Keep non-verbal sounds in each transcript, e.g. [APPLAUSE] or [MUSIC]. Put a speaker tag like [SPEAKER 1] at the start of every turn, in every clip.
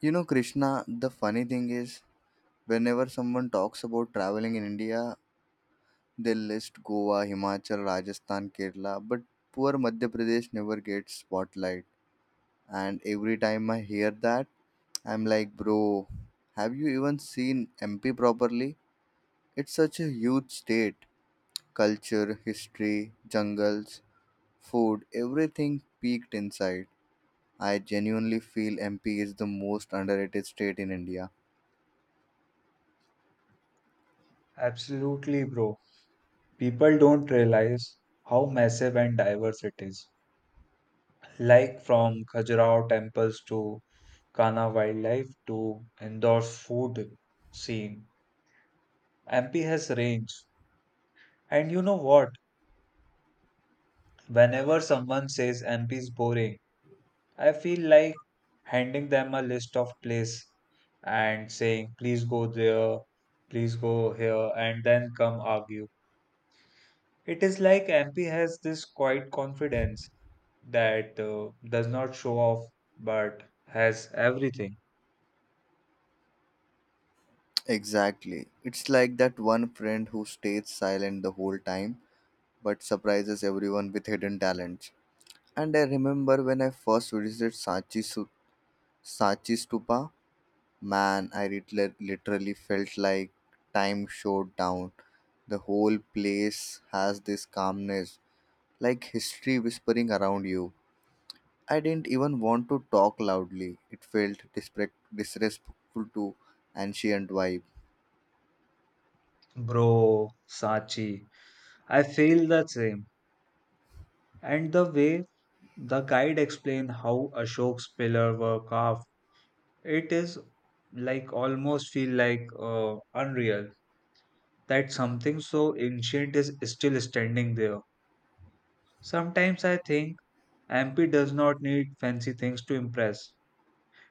[SPEAKER 1] You know, Krishna, the funny thing is, whenever someone talks about traveling in India, they list Goa, Himachal, Rajasthan, Kerala, but poor Madhya Pradesh never gets spotlight. And every time I hear that, I'm like, bro, have you even seen MP properly? It's such a huge state. Culture, history, jungles, food, everything peaked inside. I genuinely feel MP is the most underrated state in India.
[SPEAKER 2] Absolutely, bro. People don't realize how massive and diverse it is. Like from Khajuraho temples to Kana wildlife to Indore's food scene, MP has range. And you know what? Whenever someone says MP is boring, I feel like handing them a list of places and saying, please go there, please go here, and then come argue. It is like MP has this quiet confidence that does not show off but has everything.
[SPEAKER 1] Exactly. It's like that one friend who stays silent the whole time but surprises everyone with hidden talents. And I remember when I first visited Sachi, Sachi Stupa, man, I literally felt like time showed down. The whole place has this calmness, like history whispering around you. I didn't even want to talk loudly. It felt disrespectful to ancient vibe.
[SPEAKER 2] Bro, Sachi, I feel the same. And the way the guide explained how Ashok's pillar were carved, it is like almost feel like unreal that something so ancient is still standing there. Sometimes I think MP does not need fancy things to impress.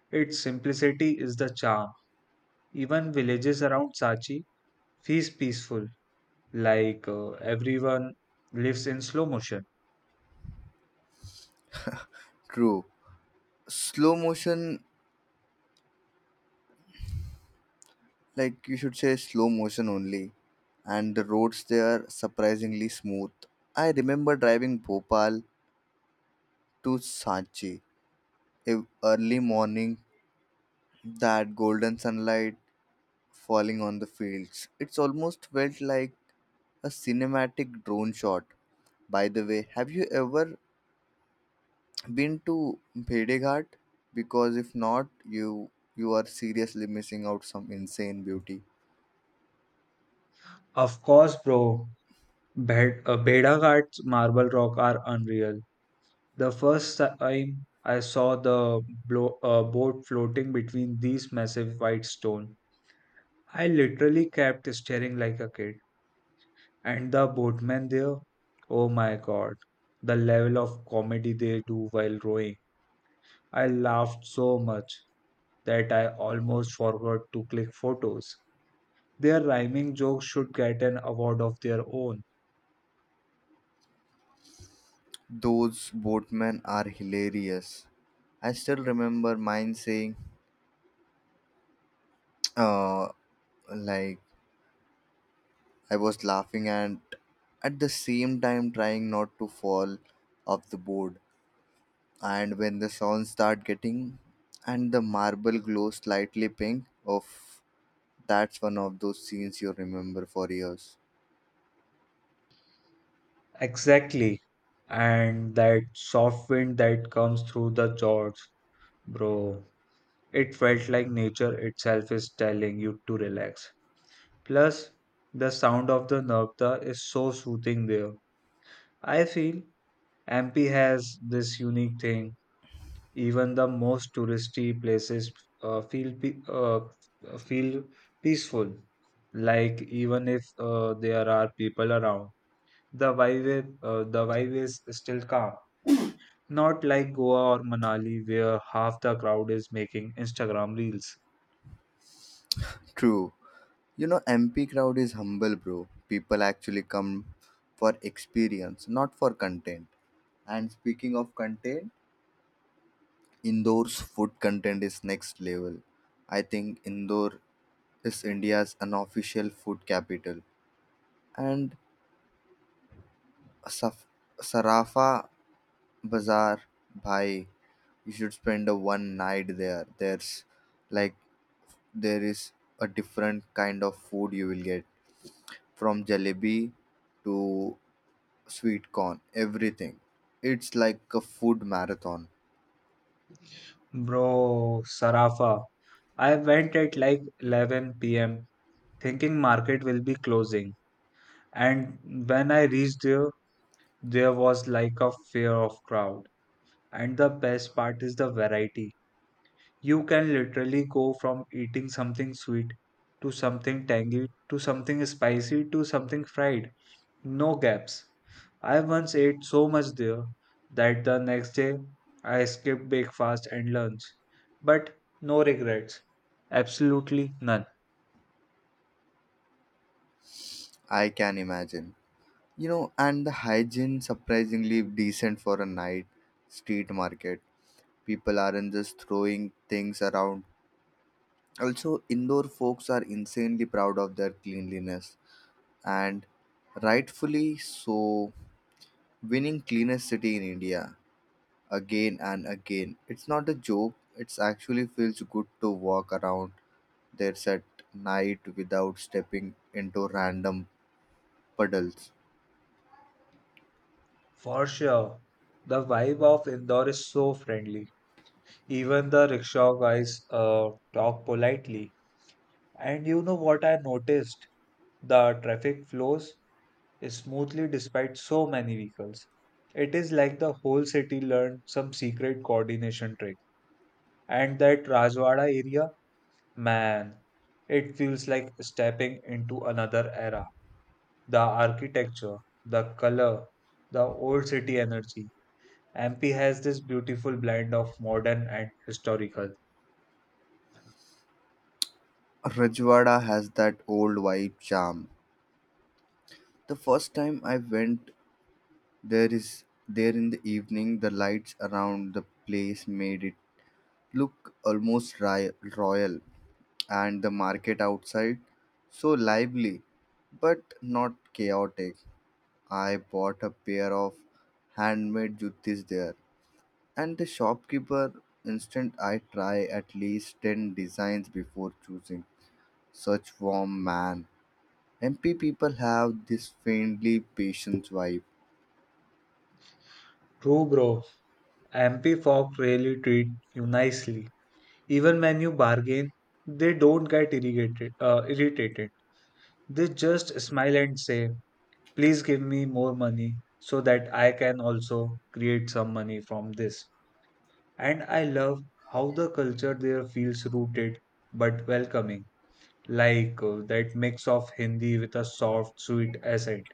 [SPEAKER 2] Its simplicity is the charm. Even villages around Sachi feels peaceful, like everyone lives in slow motion.
[SPEAKER 1] True slow motion. Like you should say slow motion only. And the roads there are surprisingly smooth. I remember driving Bhopal to Sanchi early morning, that golden sunlight falling on the fields. It's almost felt like a cinematic drone shot. By the way, have you ever been to Bhede Ghat? Because if not, you you are seriously missing out some insane beauty.
[SPEAKER 2] Of course, bro, Bedaghat's marble rock are unreal. The first time I saw the boat floating between these massive white stone, I literally kept staring like a kid. And the boatman there, oh my god, the level of comedy they do while rowing. I laughed so much. That I almost forgot to click photos. Their rhyming jokes should get an award of their own.
[SPEAKER 1] Those boatmen are hilarious. I still remember mine saying, [TSK] uh, like, I was laughing and at the same time trying not to fall off the board. And when the sun start getting and the marble glow slightly pink, of that's one of those scenes you remember for years.
[SPEAKER 2] Exactly. And that soft wind that comes through the jaws, bro. It felt like nature itself is telling you to relax. Plus, the sound of the nabta is so soothing there. I feel MP has this unique thing. Even the most touristy places uh, feel pe- uh, feel peaceful. Like even if there are people around, the vibe is still calm. Not like Goa or Manali, where half the crowd is making Instagram reels.
[SPEAKER 1] True. You know, MP crowd is humble, bro. People actually come for experience, not for content. And speaking of content, Indoor's food content is next level. I think Indore is India's unofficial food capital. And Saf- Sarafa Bazaar, bhai, you should spend a one night there. Like there is a different kind of food you will get from jalebi to sweet corn, everything. It's like a food marathon.
[SPEAKER 2] Bro, Sarafa. I went at like 11 p.m. thinking market will be closing. And when I reached there, there was like a fear of crowd. And the best part is the variety. You can literally go from eating something sweet to something tangy to something spicy to something fried. No gaps. I once ate so much there that the next day I skipped breakfast and lunch. But no regrets. Absolutely none.
[SPEAKER 1] I can imagine. You know, and the hygiene surprisingly decent for a night street market. People aren't just throwing things around. Also, indoor folks are insanely proud of their cleanliness and rightfully so, winning cleanest city in India again and again. It's not a joke. It actually feels good to walk around there at night without stepping into random puddles.
[SPEAKER 2] For sure. The vibe of Indore is so friendly. Even the rickshaw guys talk politely. And you know what I noticed? The traffic flows smoothly despite so many vehicles. It is like the whole city learned some secret coordination trick. And that Rajwada area, man, it feels like stepping into another era. The architecture, the color, the old city energy. MP has this beautiful blend of modern and historical.
[SPEAKER 1] Rajwada has that old vibe charm. The first time I went there is there in the evening, the lights around the place made it look almost royal, and the market outside so lively but not chaotic. I bought a pair of handmade juttis there, and the shopkeeper instant I try at least 10 designs before choosing. Such warm man. MP people have this faintly patient vibe.
[SPEAKER 2] True, bro. MP folk really treat you nicely. Even when you bargain, they don't get irritated. They just smile and say, "Please give me more money so that I can also create some money from this." And I love how the culture there feels rooted but welcoming, like that mix of Hindi with a soft, sweet accent.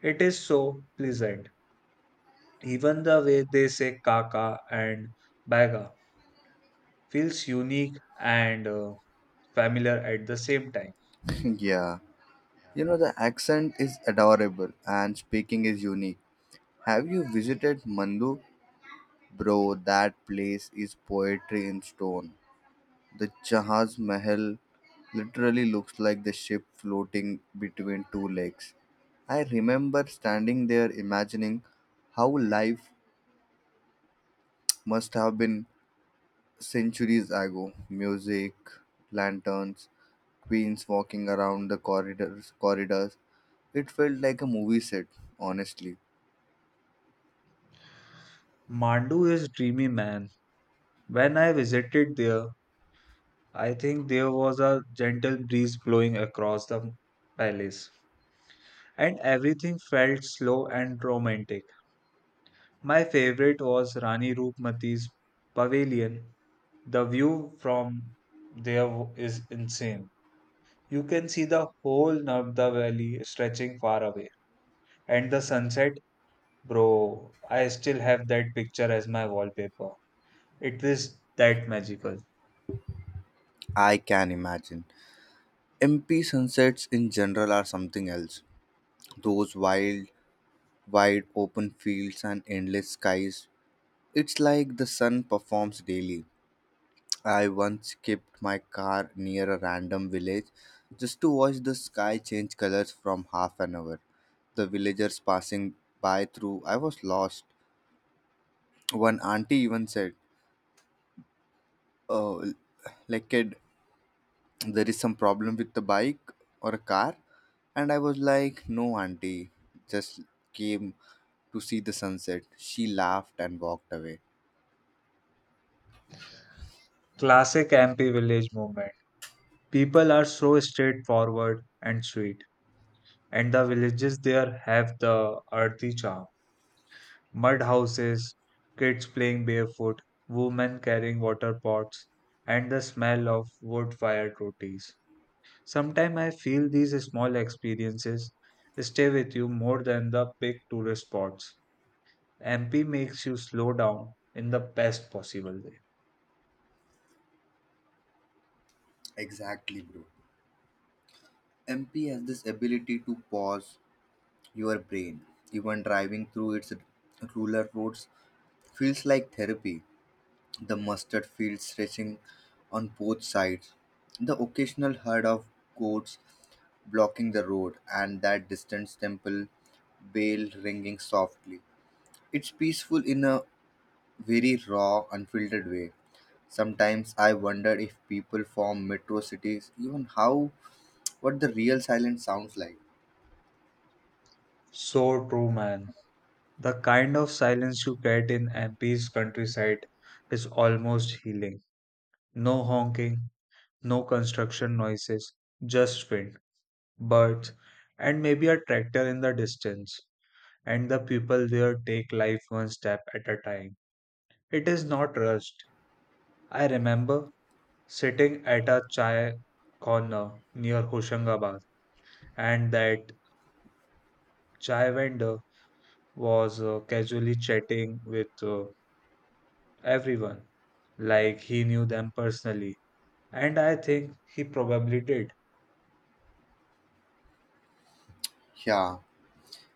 [SPEAKER 2] It is so pleasant. Even the way they say "kaka" and "baga" feels unique and familiar at the same time.
[SPEAKER 1] [LAUGHS] yeah. You know, the accent is adorable and speaking is unique. Have you visited Mandu? Bro, that place is poetry in stone. The Jahaz Mahal literally looks like the ship floating between two lakes. I remember standing there imagining how life must have been centuries ago. Music, lanterns, queens walking around the corridors. It felt like a movie set, honestly.
[SPEAKER 2] Mandu is dreamy, man. When I visited there, I think there was a gentle breeze blowing across the palace, and everything felt slow and romantic. My favorite was Rani Roopmati's pavilion. The view from is insane. You can see the whole Narmada Valley stretching far away, and the sunset, bro. I still have that picture as my wallpaper. It is that magical.
[SPEAKER 1] I can imagine. MP sunsets in general are something else. Those wild, wide open fields and endless skies. It's like the sun performs daily. I once kept my car near a random village just to watch the sky change colors from half an hour. The villagers passing by through, I was lost. One auntie even said, oh, like kid, there is some problem with the bike or a car, and I was like, no auntie, just came to see the sunset. She laughed and walked away.
[SPEAKER 2] Classic MP village movement. People are so straightforward and sweet, and the villages there have the earthy charm. Mud houses, kids playing barefoot, women carrying water pots, and the smell of wood fired rotis. Sometimes I feel these small experiences stay with you more than the big tourist spots. MP makes you slow down in the best possible way.
[SPEAKER 1] Exactly, bro. MP has this ability to pause your brain. Even driving through its rural roads feels like therapy. The mustard fields stretching on both sides, the occasional herd of goats blocking the road, and that distant temple bell ringing softly. It's peaceful in a very raw, unfiltered way. Sometimes I wonder if people from metro cities even how what the real silence sounds like.
[SPEAKER 2] So true, man. The kind of silence you get in MP's countryside is almost healing. No honking, no construction noises, just wind, birds, and maybe a tractor in the distance. And the people there take life one step at a time. It is not rushed. I remember sitting at a chai corner near Hoshangabad, and that chai vendor was casually chatting with everyone like he knew them personally. And I think he probably did.
[SPEAKER 1] Yeah,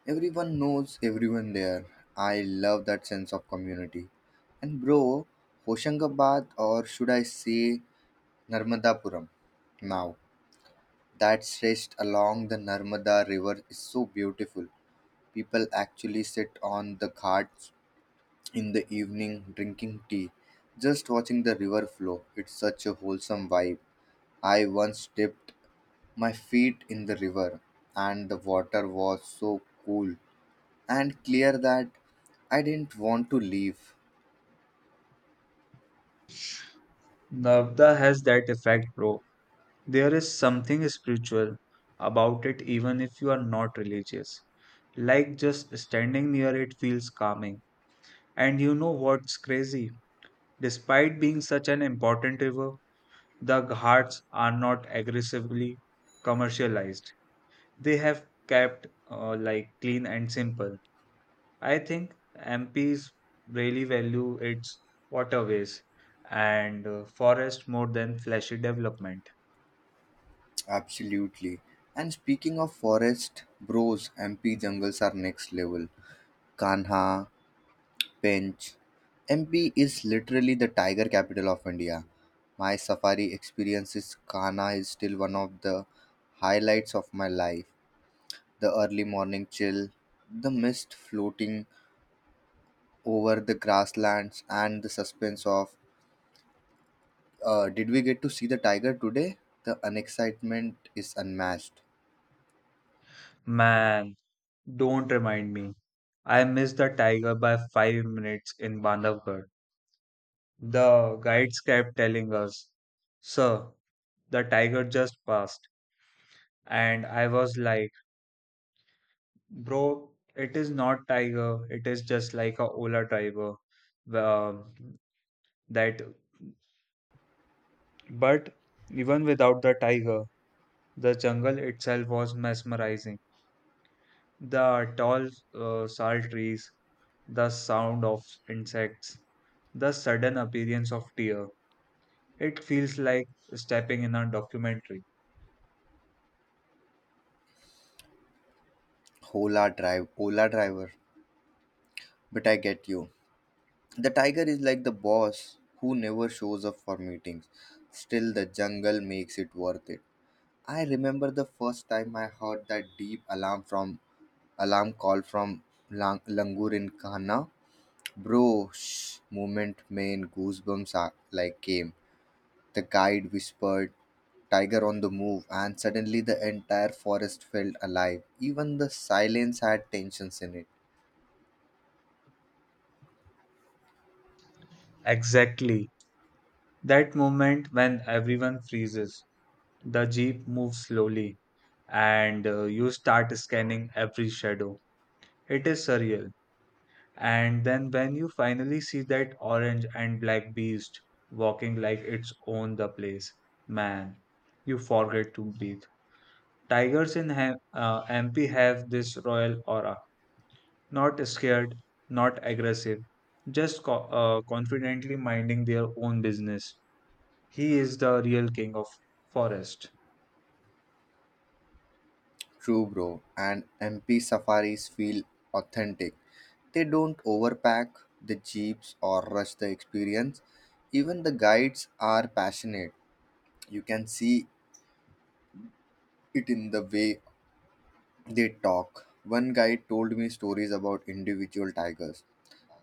[SPEAKER 1] everyone knows everyone there. I love that sense of community. And bro, Hoshangabad, or should I say Narmadapuram? Now, that stretched along the Narmada river is so beautiful. People actually sit on the ghats in the evening drinking tea, just watching the river flow. It's such a wholesome vibe. I once dipped my feet in the river, and the water was so cool and clear that I didn't want to leave.
[SPEAKER 2] Navda has that effect, bro. There is something spiritual about it, even if you are not religious. Like just standing near it feels calming. And you know what's crazy? Despite being such an important river, the ghats are not aggressively commercialized. They have kept like clean and simple. I think MPs really value its waterways and forest more than flashy development.
[SPEAKER 1] Absolutely. And speaking of forest, bros, MP jungles are next level. Kanha Bench. MP is literally the tiger capital of India. My safari experience is Kana is still one of the highlights of my life. The early morning chill, the mist floating over the grasslands, and the suspense of did we get to see the tiger today? The unexcitement is unmatched.
[SPEAKER 2] Man, don't remind me. I missed the tiger by 5 minutes in Bandhavgarh. The guides kept telling us, sir, the tiger just passed. And I was like, bro, it is not tiger, it is just like a Ola tiger. Um, that, but even without the tiger, the jungle itself was mesmerizing. The tall sal trees, the sound of insects, the sudden appearance of deer. It feels like stepping in a documentary.
[SPEAKER 1] Hola drive, Ola driver. But I get you. The tiger is like the boss who never shows up for meetings. Still, the jungle makes it worth it. I remember the first time I heard that deep alarm from alarm call from langur in Kahana. Bro, shh, moment main goosebumps are, like came. The guide whispered, "Tiger on the move," and suddenly the entire forest felt alive. Even the silence had tensions in it.
[SPEAKER 2] Exactly. That moment when everyone freezes, the jeep moves slowly, and you start scanning every shadow. It is surreal. And then when you finally see that orange and black beast walking like it's own the place, man, you forget to breathe. Tigers in MP have this royal aura, not scared, not aggressive, just confidently minding their own business. He is the real king of forest.
[SPEAKER 1] True, bro. And MP safaris feel authentic. They don't overpack the jeeps or rush the experience. Even the guides are passionate. You can see it in the way they talk. One guide told me stories about individual tigers,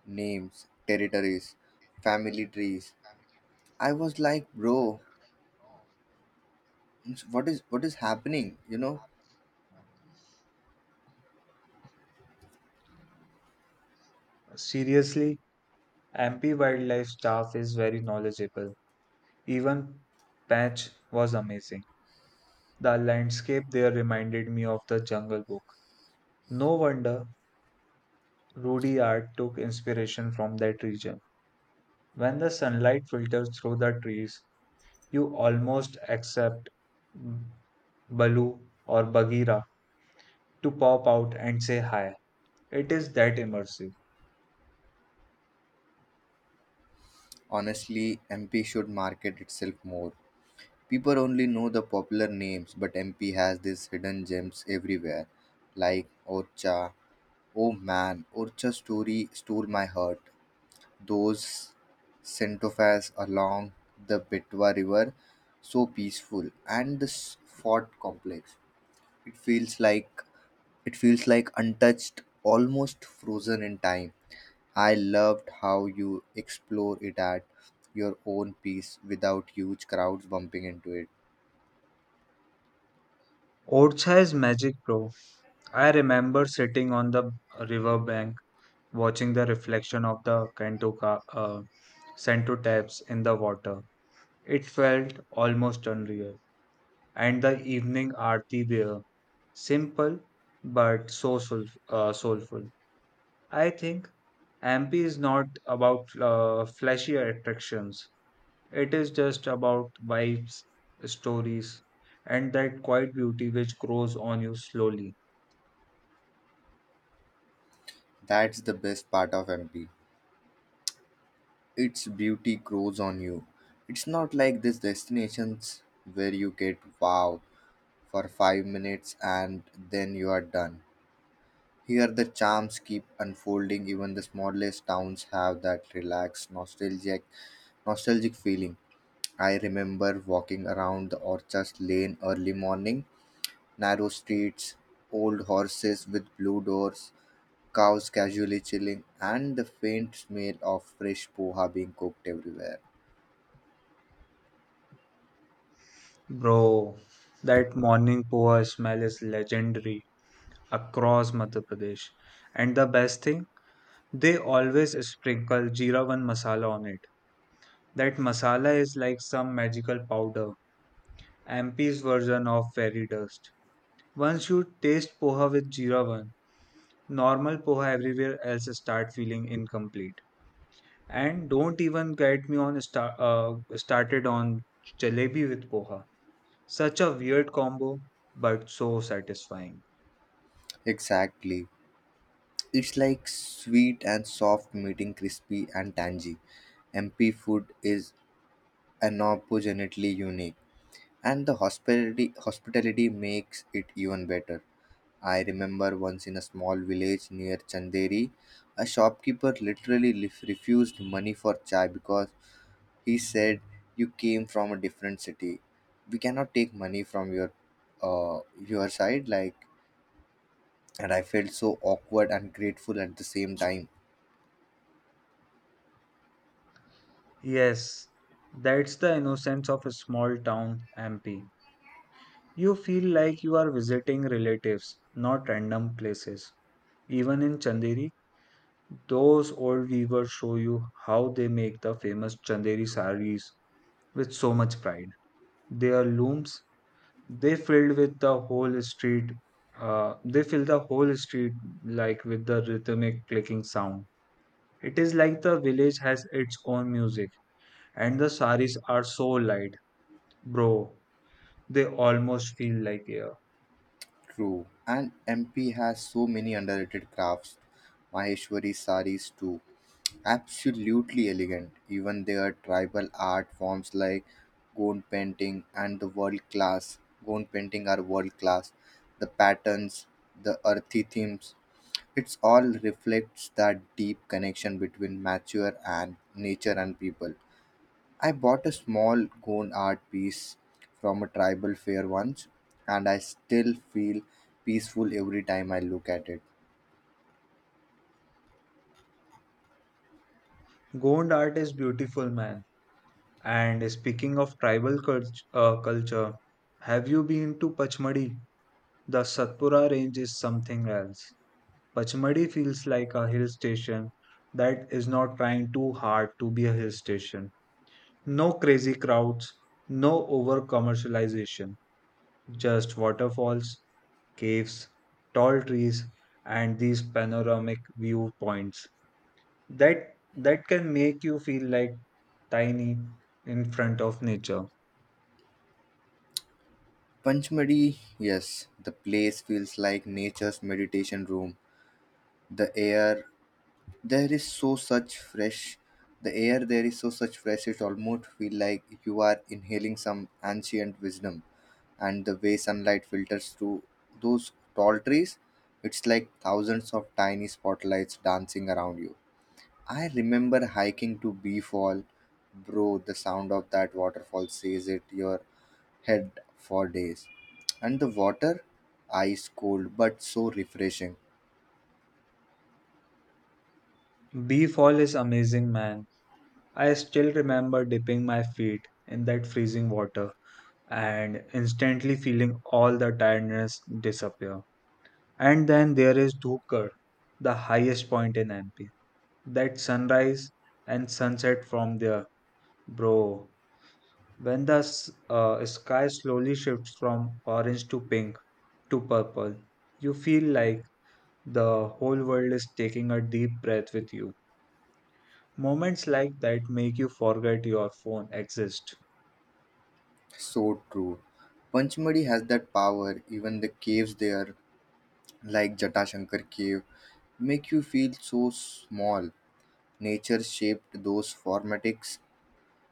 [SPEAKER 1] names, territories, family trees. I was like, bro, what is happening? You know,
[SPEAKER 2] Seriously, MP wildlife staff is very knowledgeable. Even Patch was amazing. The landscape there reminded me of the Jungle Book. No wonder Rudyard took inspiration from that region. When the sunlight filters through the trees, you almost accept Baloo or Bagheera to pop out and say hi. It is that immersive.
[SPEAKER 1] honestly, MP should market itself more. People only know the popular names, but MP has these hidden gems everywhere, like Orcha. Oh man, Urcha story stole my heart. Those centaurs along the Betwa River, so peaceful, and this fort complex. It feels like it feels like untouched, almost frozen in time. I loved how you explore it at your own pace without huge crowds bumping into it.
[SPEAKER 2] Orcha is magic, bro. I remember sitting on the river bank, watching the reflection of the Sento taps in the water. It felt almost unreal. And the evening aarti there. Simple but so soulful. I think MP is not about flashy attractions. It is just about vibes, stories, and that quiet beauty which grows on you slowly.
[SPEAKER 1] That's the best part of MP. Its beauty grows on you. It's not like these destinations where you get wow for 5 minutes and then you are done. Here, the charms keep unfolding. Even the smallest towns have that relaxed, nostalgic feeling. I remember walking around the Orchard Lane early morning, narrow streets, old horses with blue doors, cows casually chilling, and the faint smell of fresh poha being cooked everywhere.
[SPEAKER 2] Bro, that morning poha smell is legendary across Madhya Pradesh. And the best thing, they always sprinkle Jeera 1 masala on it. That masala is like some magical powder, MP's version of fairy dust. Once you taste poha with jeera one, normal poha everywhere else start feeling incomplete. And don't even get me on started on jalebi with poha. Such a weird combo, but so satisfying.
[SPEAKER 1] Exactly. It's like sweet and soft meeting crispy and tangy. MP food is unapologetically unique, and the hospitality makes it even better. I remember once in a small village near Chanderi, a shopkeeper literally refused money for chai because he said, you came from a different city. We cannot take money from your side like, and I felt so awkward and grateful at the same time.
[SPEAKER 2] Yes, that's the innocence of a small town MP. You feel like you are visiting relatives, not random places. Even in Chanderi, those old weavers show you how they make the famous Chanderi saris with so much pride. Their looms, they filled with the whole street, they fill the whole street like with the rhythmic clicking sound. It is like the village has its own music, and the saris are so light, bro. They almost feel like air.
[SPEAKER 1] True, and MP has so many underrated crafts. Maheshwari saris too, absolutely elegant. Even their tribal art forms like gond painting and the world class. Gond painting are world class. The patterns, the earthy themes, it's all reflects that deep connection between nature and people. I bought a small cone art piece from a tribal fair once, and I still feel peaceful every time I look at it.
[SPEAKER 2] Gond art is beautiful, man. And speaking of culture, have you been to Pachmadi? The Satpura range is something else. Pachmadi feels like a hill station that is not trying too hard to be a hill station. No crazy crowds, no over commercialization, just waterfalls, caves, tall trees, and these panoramic viewpoints that that can make you feel like tiny in front of nature.
[SPEAKER 1] Panchmadi, yes, the place feels like nature's meditation room. The air there is so such fresh. The air there is so such fresh. It almost feel like you are inhaling some ancient wisdom. And the way sunlight filters through those tall trees, it's like thousands of tiny spotlights dancing around you. I remember hiking to Beefall, bro. The sound of that waterfall says it your head for days. And the water, ice cold but so refreshing.
[SPEAKER 2] Bee Fall is amazing, man. I still remember dipping my feet in that freezing water and instantly feeling all the tiredness disappear. And then there is Dhukar, the highest point in MP. That sunrise and sunset from there, bro. When the sky slowly shifts from orange to pink to purple, you feel like the whole world is taking a deep breath with you. Moments like that make you forget your phone exists.
[SPEAKER 1] So true. Panchmadi has that power. Even the caves there, like Jatashankar cave, make you feel so small. Nature shaped those formatics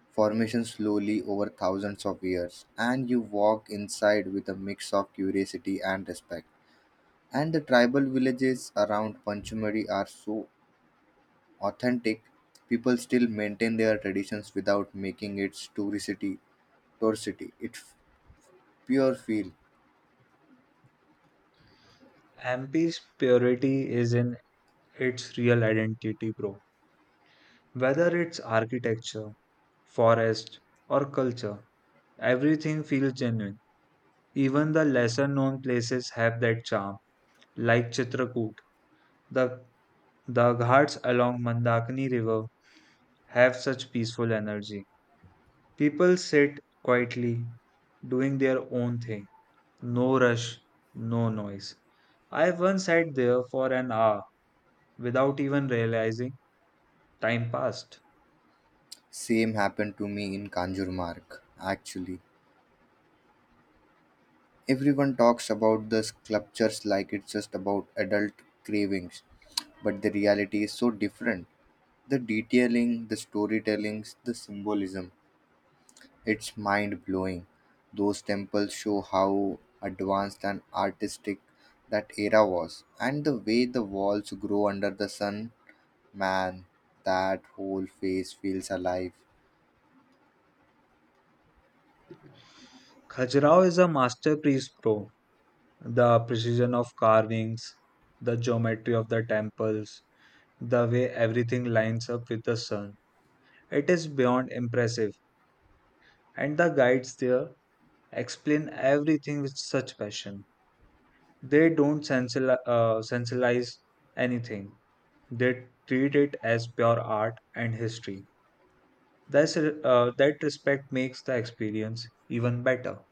[SPEAKER 1] formations slowly over thousands of years, and you walk inside with a mix of curiosity and respect. And the tribal villages around Panchmari are so authentic, people still maintain their traditions without making it touristy. It's pure feel.
[SPEAKER 2] MP's purity is in its real identity, bro. Whether it's architecture, forest, or culture, everything feels genuine. Even the lesser known places have that charm, like Chitrakoot. The, the ghats along Mandakini River have such peaceful energy. People sit quietly, doing their own thing. No rush, no noise. I once sat there for an hour without even realizing time passed.
[SPEAKER 1] Same happened to me in Kanjurmark, actually. Everyone talks about the sculptures like it's just about adult cravings, but the reality is so different. The detailing, the storytellings, the symbolism. It's mind blowing. Those temples show how advanced and artistic that era was. And the way the walls grow under the sun, man, that whole face feels alive.
[SPEAKER 2] Khajuraho is a masterpiece, bro. The precision of carvings, the geometry of the temples, the way everything lines up with the sun. It is beyond impressive, and the guides there explain everything with such passion. They don't sensationalize anything. They treat it as pure art and history. That respect makes the experience even better.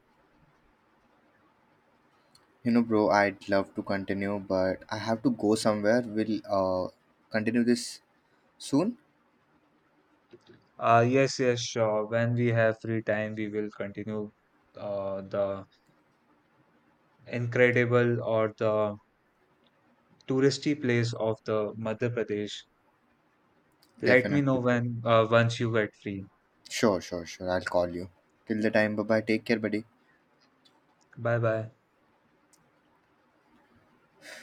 [SPEAKER 1] You know, bro, I'd love to continue, but I have to go somewhere. We'll continue this soon.
[SPEAKER 2] Yes, yes, sure. When we have free time, we will continue the incredible or the touristy place of the Madhya Pradesh. Let me know
[SPEAKER 1] Definitely.
[SPEAKER 2] when once you get free.
[SPEAKER 1] Sure, I'll call you. Till the time, bye bye. Take care, buddy.
[SPEAKER 2] Bye bye.